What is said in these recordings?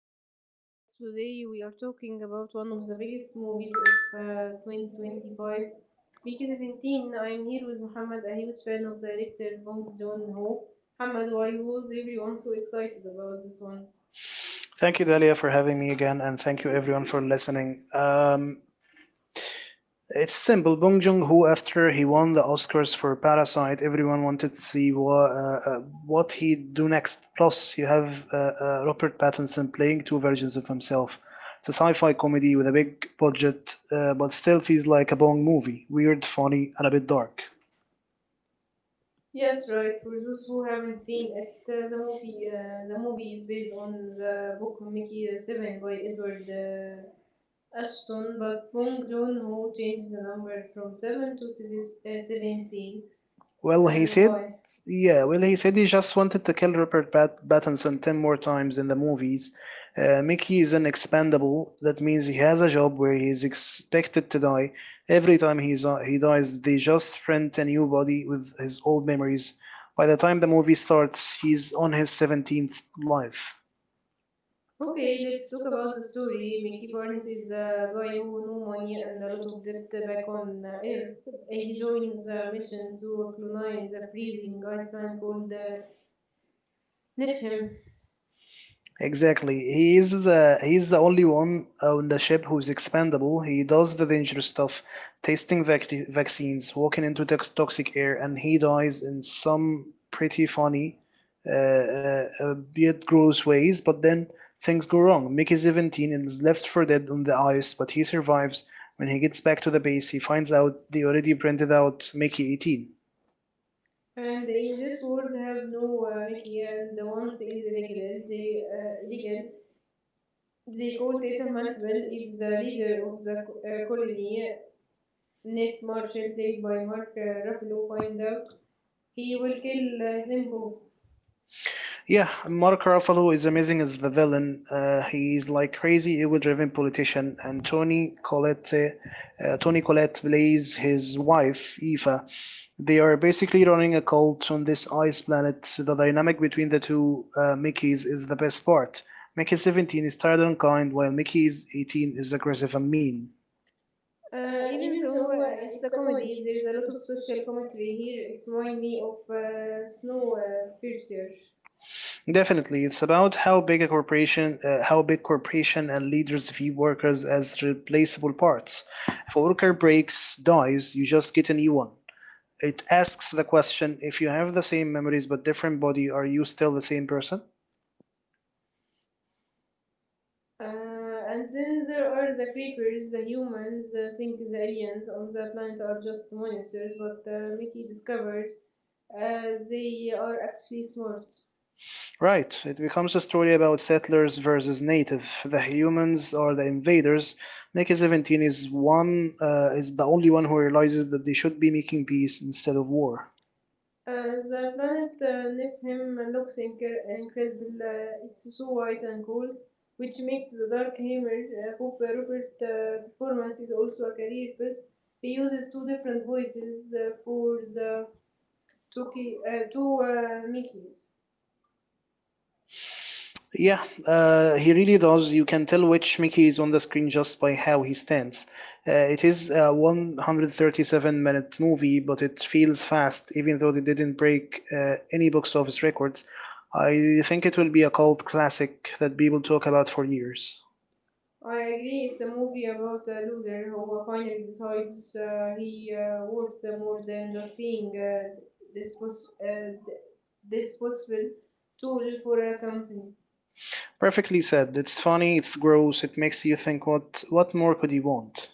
to the podcast. Today we are talking about one of the biggest movies of 2025, Peaky 17. I am here with Muhammad, a huge fan of director Bong Joon-ho. Muhammad, why was everyone so excited about this one? Thank you, Dalia, for having me again, and thank you everyone for listening. It's simple. Bong Joon-ho, after he won the Oscars for Parasite, everyone wanted to see what he do next. Plus, you have Robert Pattinson playing two versions of himself. It's a sci-fi comedy with a big budget, but still feels like a Bong movie. Weird, funny, and a bit dark. Yes, right. For those who haven't seen it, the movie is based on the book Mickey the Seven by Edward Ashton, but Bong Joon-ho changed the number from seven to 17. Well, he said, Why? yeah, well, he said he just wanted to kill Pattinson 10 more times in the movies. Mickey is an expendable. That means he has a job where he is expected to die. Every time he dies, they just print a new body with his old memories. By the time the movie starts, he's on his 17th life. Okay, let's talk about the story. Mickey Barnes is a guy who no money and a lot of debt back on Earth. He joins a mission to colonize a freezing ice planet called Niflheim. Exactly. He's the only one on the ship who's expendable. He does the dangerous stuff, tasting vaccines, walking into toxic air, and he dies in some pretty funny, yet gross ways. But then things go wrong. Mickey 17 and is left for dead on the ice, but he survives. When he gets back to the base, he finds out they already printed out Mickey 18. And in this world have no Mickey and the once is illegal. They illegal. They called it a multiple if the leader of the colony, Ned Marshall, played by Mark Ruffalo, find out he will kill them both. Yeah, Mark Ruffalo is amazing as the villain. He's like crazy ego-driven politician, and Tony Collette plays his wife Eva. They are basically running a cult on this ice planet. The dynamic between the two Mickeys is the best part. Mickey 17 is tired and kind, while Mickey 18 is aggressive and mean. Even though it's a comedy, there is a lot of social commentary here. It reminds me of Snowpiercer. Definitely, it's about how big corporation and leaders view workers as replaceable parts. If a worker breaks, dies, you just get a new one. It asks the question: if you have the same memories but different body, are you still the same person? And then there are the creepers, the humans think the aliens on the planet are just monsters, but Mickey discovers they are actually smart. Right. It becomes a story about settlers versus native. The humans are the invaders. Nicky 17 is the only one who realizes that they should be making peace instead of war. The planet Nephilim looks incredible. It's so white and cold, which makes the Dark Hammer Pope Rupert performance is also a career best. He uses two different voices for the two Mickeys. Yeah, he really does. You can tell which Mickey is on the screen just by how he stands. It is a 137-minute movie, but it feels fast, even though it didn't break any box office records. I think it will be a cult classic that people talk about for years. I agree, it's a movie about a loser who finally decides he worth more than just being dispos- uh, d- disposable tool for a company. Perfectly said. It's funny, it's gross, it makes you think what more could you want?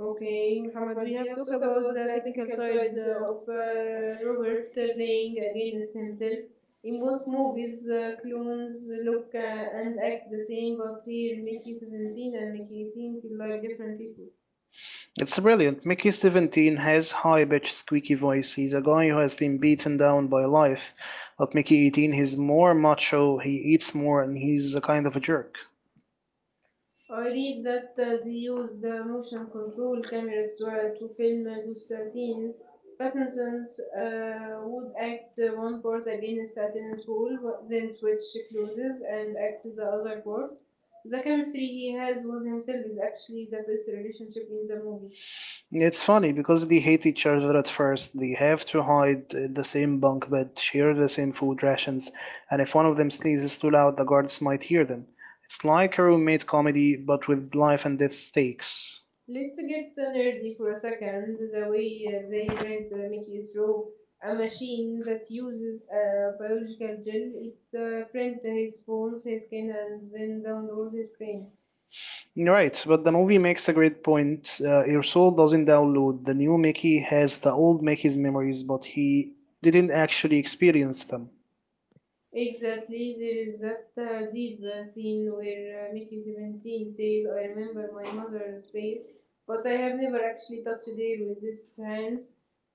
Okay, Muhammad, we have talked about the technical side of Robert playing against himself. In most movies, clones look and act the same, but here Mickey 17 and Mickey 18 feel like different people. It's brilliant. Mickey 17 has high-pitched squeaky voice. He's a guy who has been beaten down by life. But Mickey 18, he's more macho, he eats more, and he's a kind of a jerk. I read that they use the motion control cameras to film those scenes. Pattinson would act one part against a tennis ball, but then switch clothes and act the other part. The chemistry he has with himself is actually the best relationship in the movie. It's funny because they hate each other at first. They have to hide in the same bunk bed, share the same food rations, and if one of them sneezes too loud, the guards might hear them. It's like a roommate comedy, but with life and death stakes. Let's get nerdy for a second. The way they print Mickey through a machine that uses a biological gel, it prints his bones, his skin, and then downloads his brain. Right, but the movie makes a great point. Your soul doesn't download. The new Mickey has the old Mickey's memories, but he didn't actually experience them. Exactly, there is that deep scene where Mickey 17 says, I remember my mother's face, but I have never actually touched her with these hands.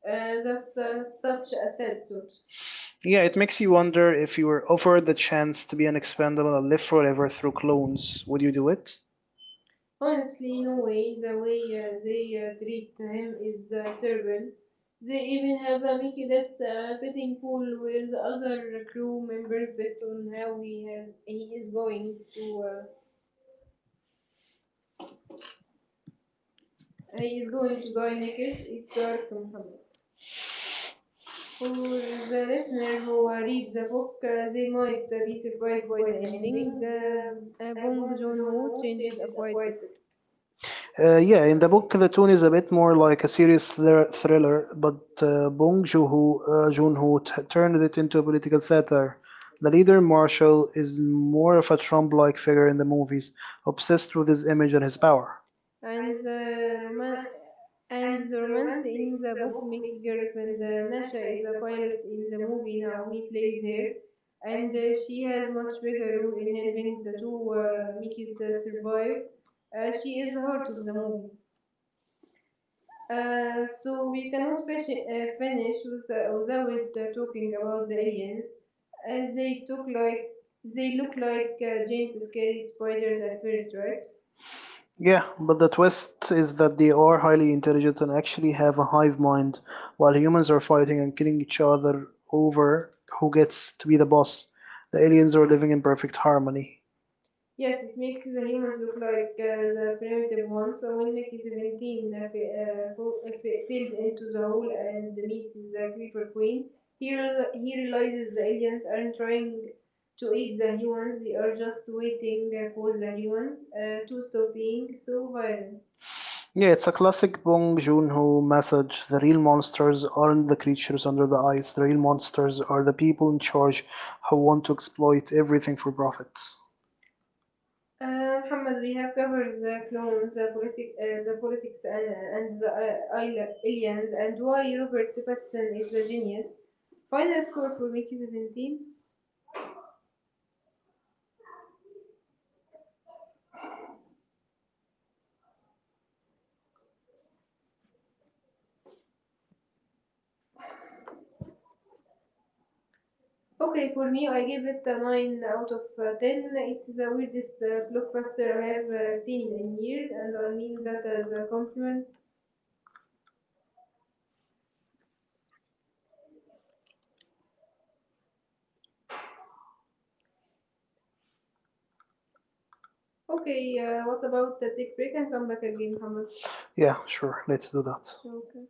That's such a sad thought. Yeah, it makes you wonder if you were offered the chance to be an expendable and live forever through clones, would you do it? Honestly, no way. The way they treat him is terrible. They even have a Mickey Death betting pool where the other crew members bet on how uh, he is going to die next. It's dark, Muhammad. For the listener who read the book, they might be surprised by the ending. Bong Joon-ho changed a quite bit. Yeah, in the book, the tone is a bit more like a serious thriller, but Joon-ho turned it into a political satire. The leader, Marshall, is more of a Trump-like figure in the movies, obsessed with his image and his power. And and the romance in the book Mickey girlfriend Nasha is a pilot in the movie Naomi plays her and she has much bigger role in helping the two Mickeys survive. She is the heart of the movie. So we cannot finish without talking about the aliens. uh, they took like they look like giant scary spiders at first, right? Yeah, but the twist is that they are highly intelligent and actually have a hive mind, while humans are fighting and killing each other over who gets to be the boss. The aliens are living in perfect harmony. Yes, it makes the humans look like the primitive ones. So when Mickey 17 falls into the hole and meets the Creeper Queen, he realizes the aliens aren't trying to eat the humans, they are just waiting for the humans to stop being so violent. Yeah, it's a classic Bong Joon-ho message. The real monsters aren't the creatures under the ice. The real monsters are the people in charge who want to exploit everything for profit. Muhammad, we have covered the clones, the politics, and the aliens, and why Robert Pattinson is a genius. Final score for Mickey 17. Okay, for me, I give it a 9 out of 10. It's the weirdest blockbuster I have seen in years, and I mean that as a compliment. Okay, what about the take break and come back again, Muhammad? Yeah, sure. Let's do that. Okay.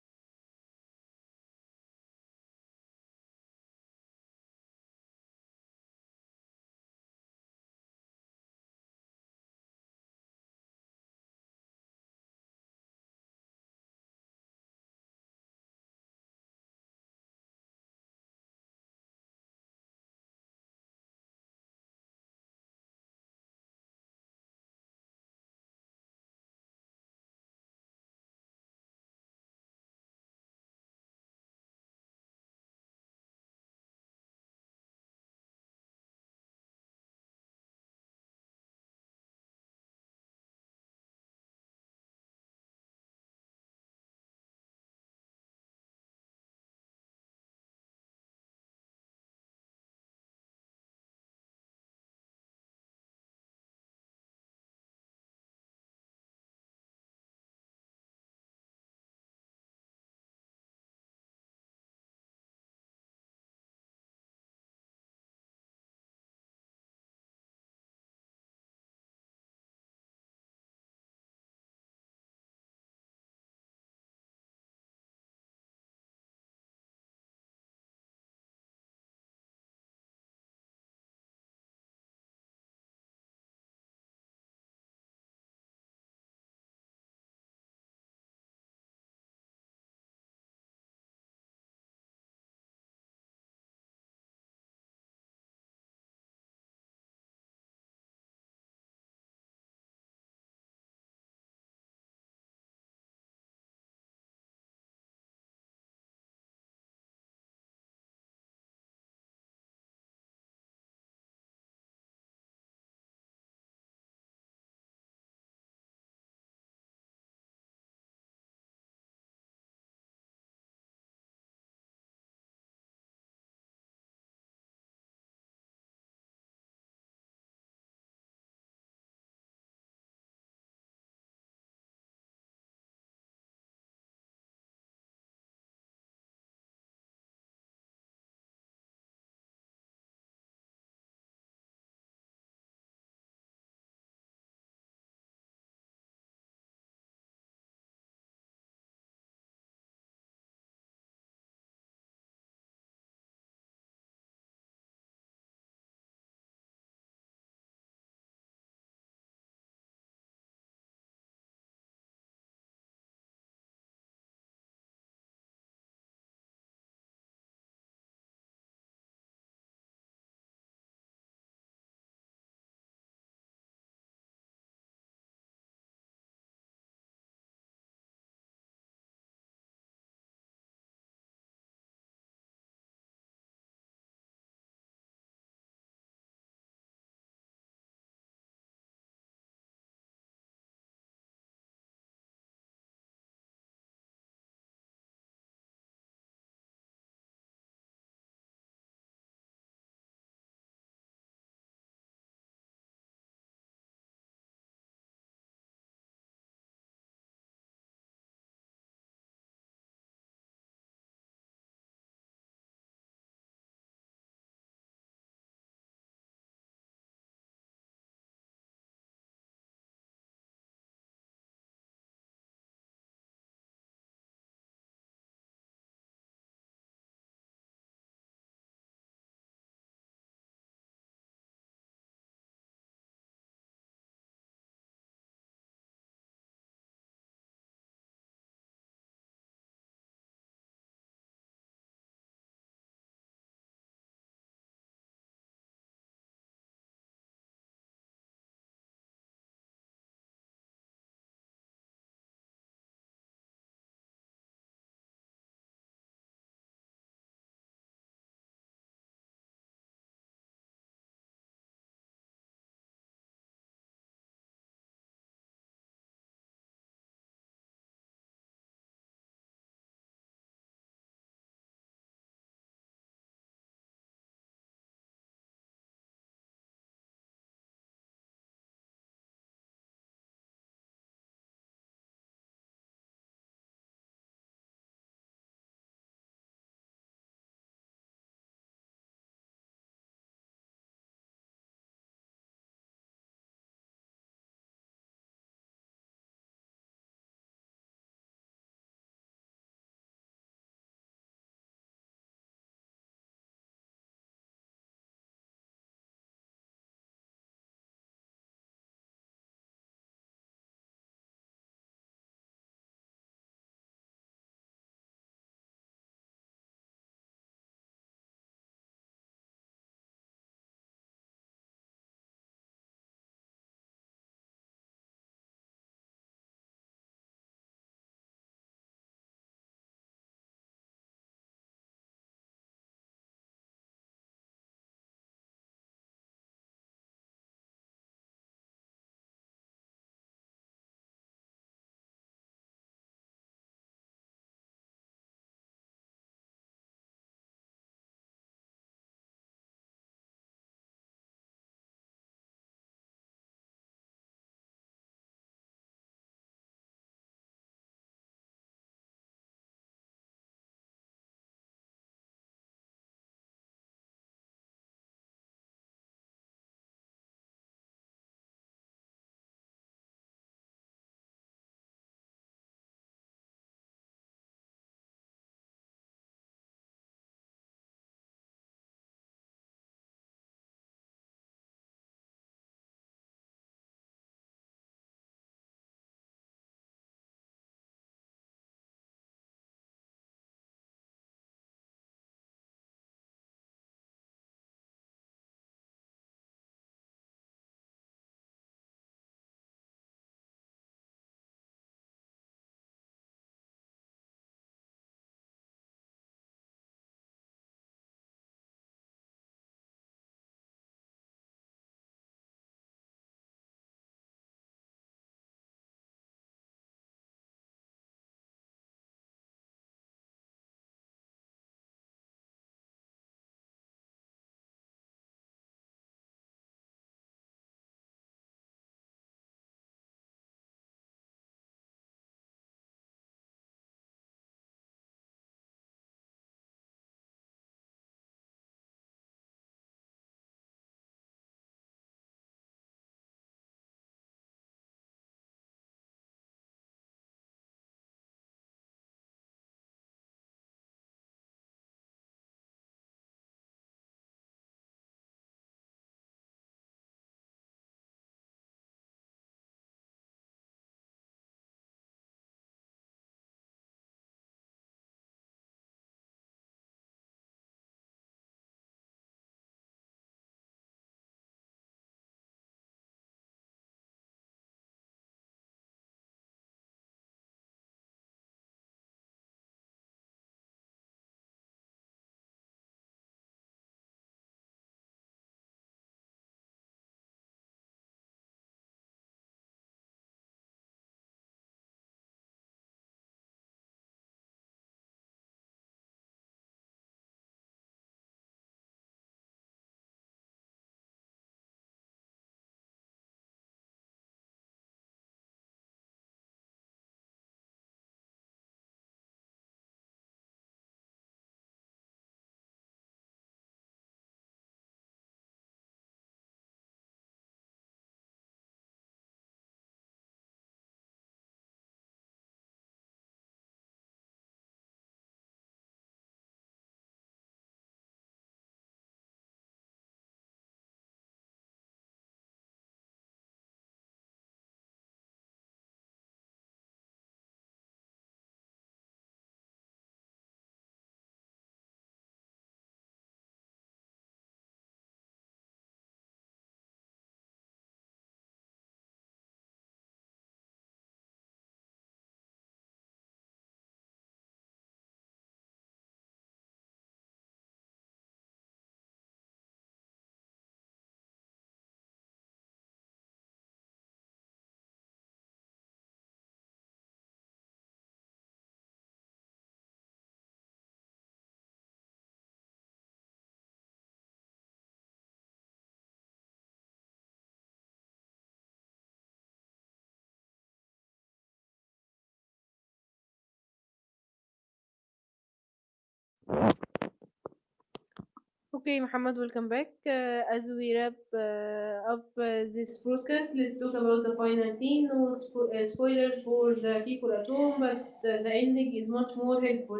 Okay, Muhammad, welcome back. As we wrap up this broadcast, let's talk about the final scene. No spoilers for the people at home, but uh, the ending is much more helpful,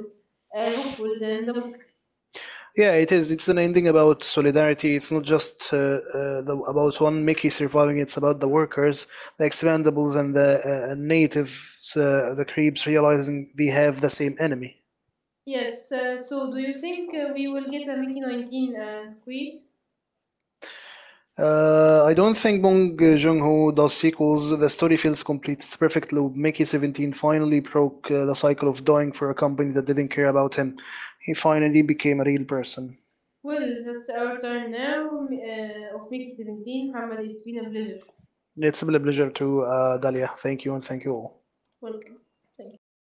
uh, hopeful than the book. Yeah, it is. It's an ending about solidarity. It's not just the, about one Mickey surviving. It's about the workers, the expendables, and the natives, the creeps realizing they have the same enemy. Yes, so do you think we will get a Mickey 19 squeal? I don't think Bong Joon Ho does sequels. The story feels complete. It's perfect loop. Mickey 17 finally broke the cycle of dying for a company that didn't care about him. He finally became a real person. Well, that's our time now of Mickey 17. Hamad, it's been a pleasure. It's been a pleasure to Dalia. Thank you and thank you all. Welcome. Thank you. Bye.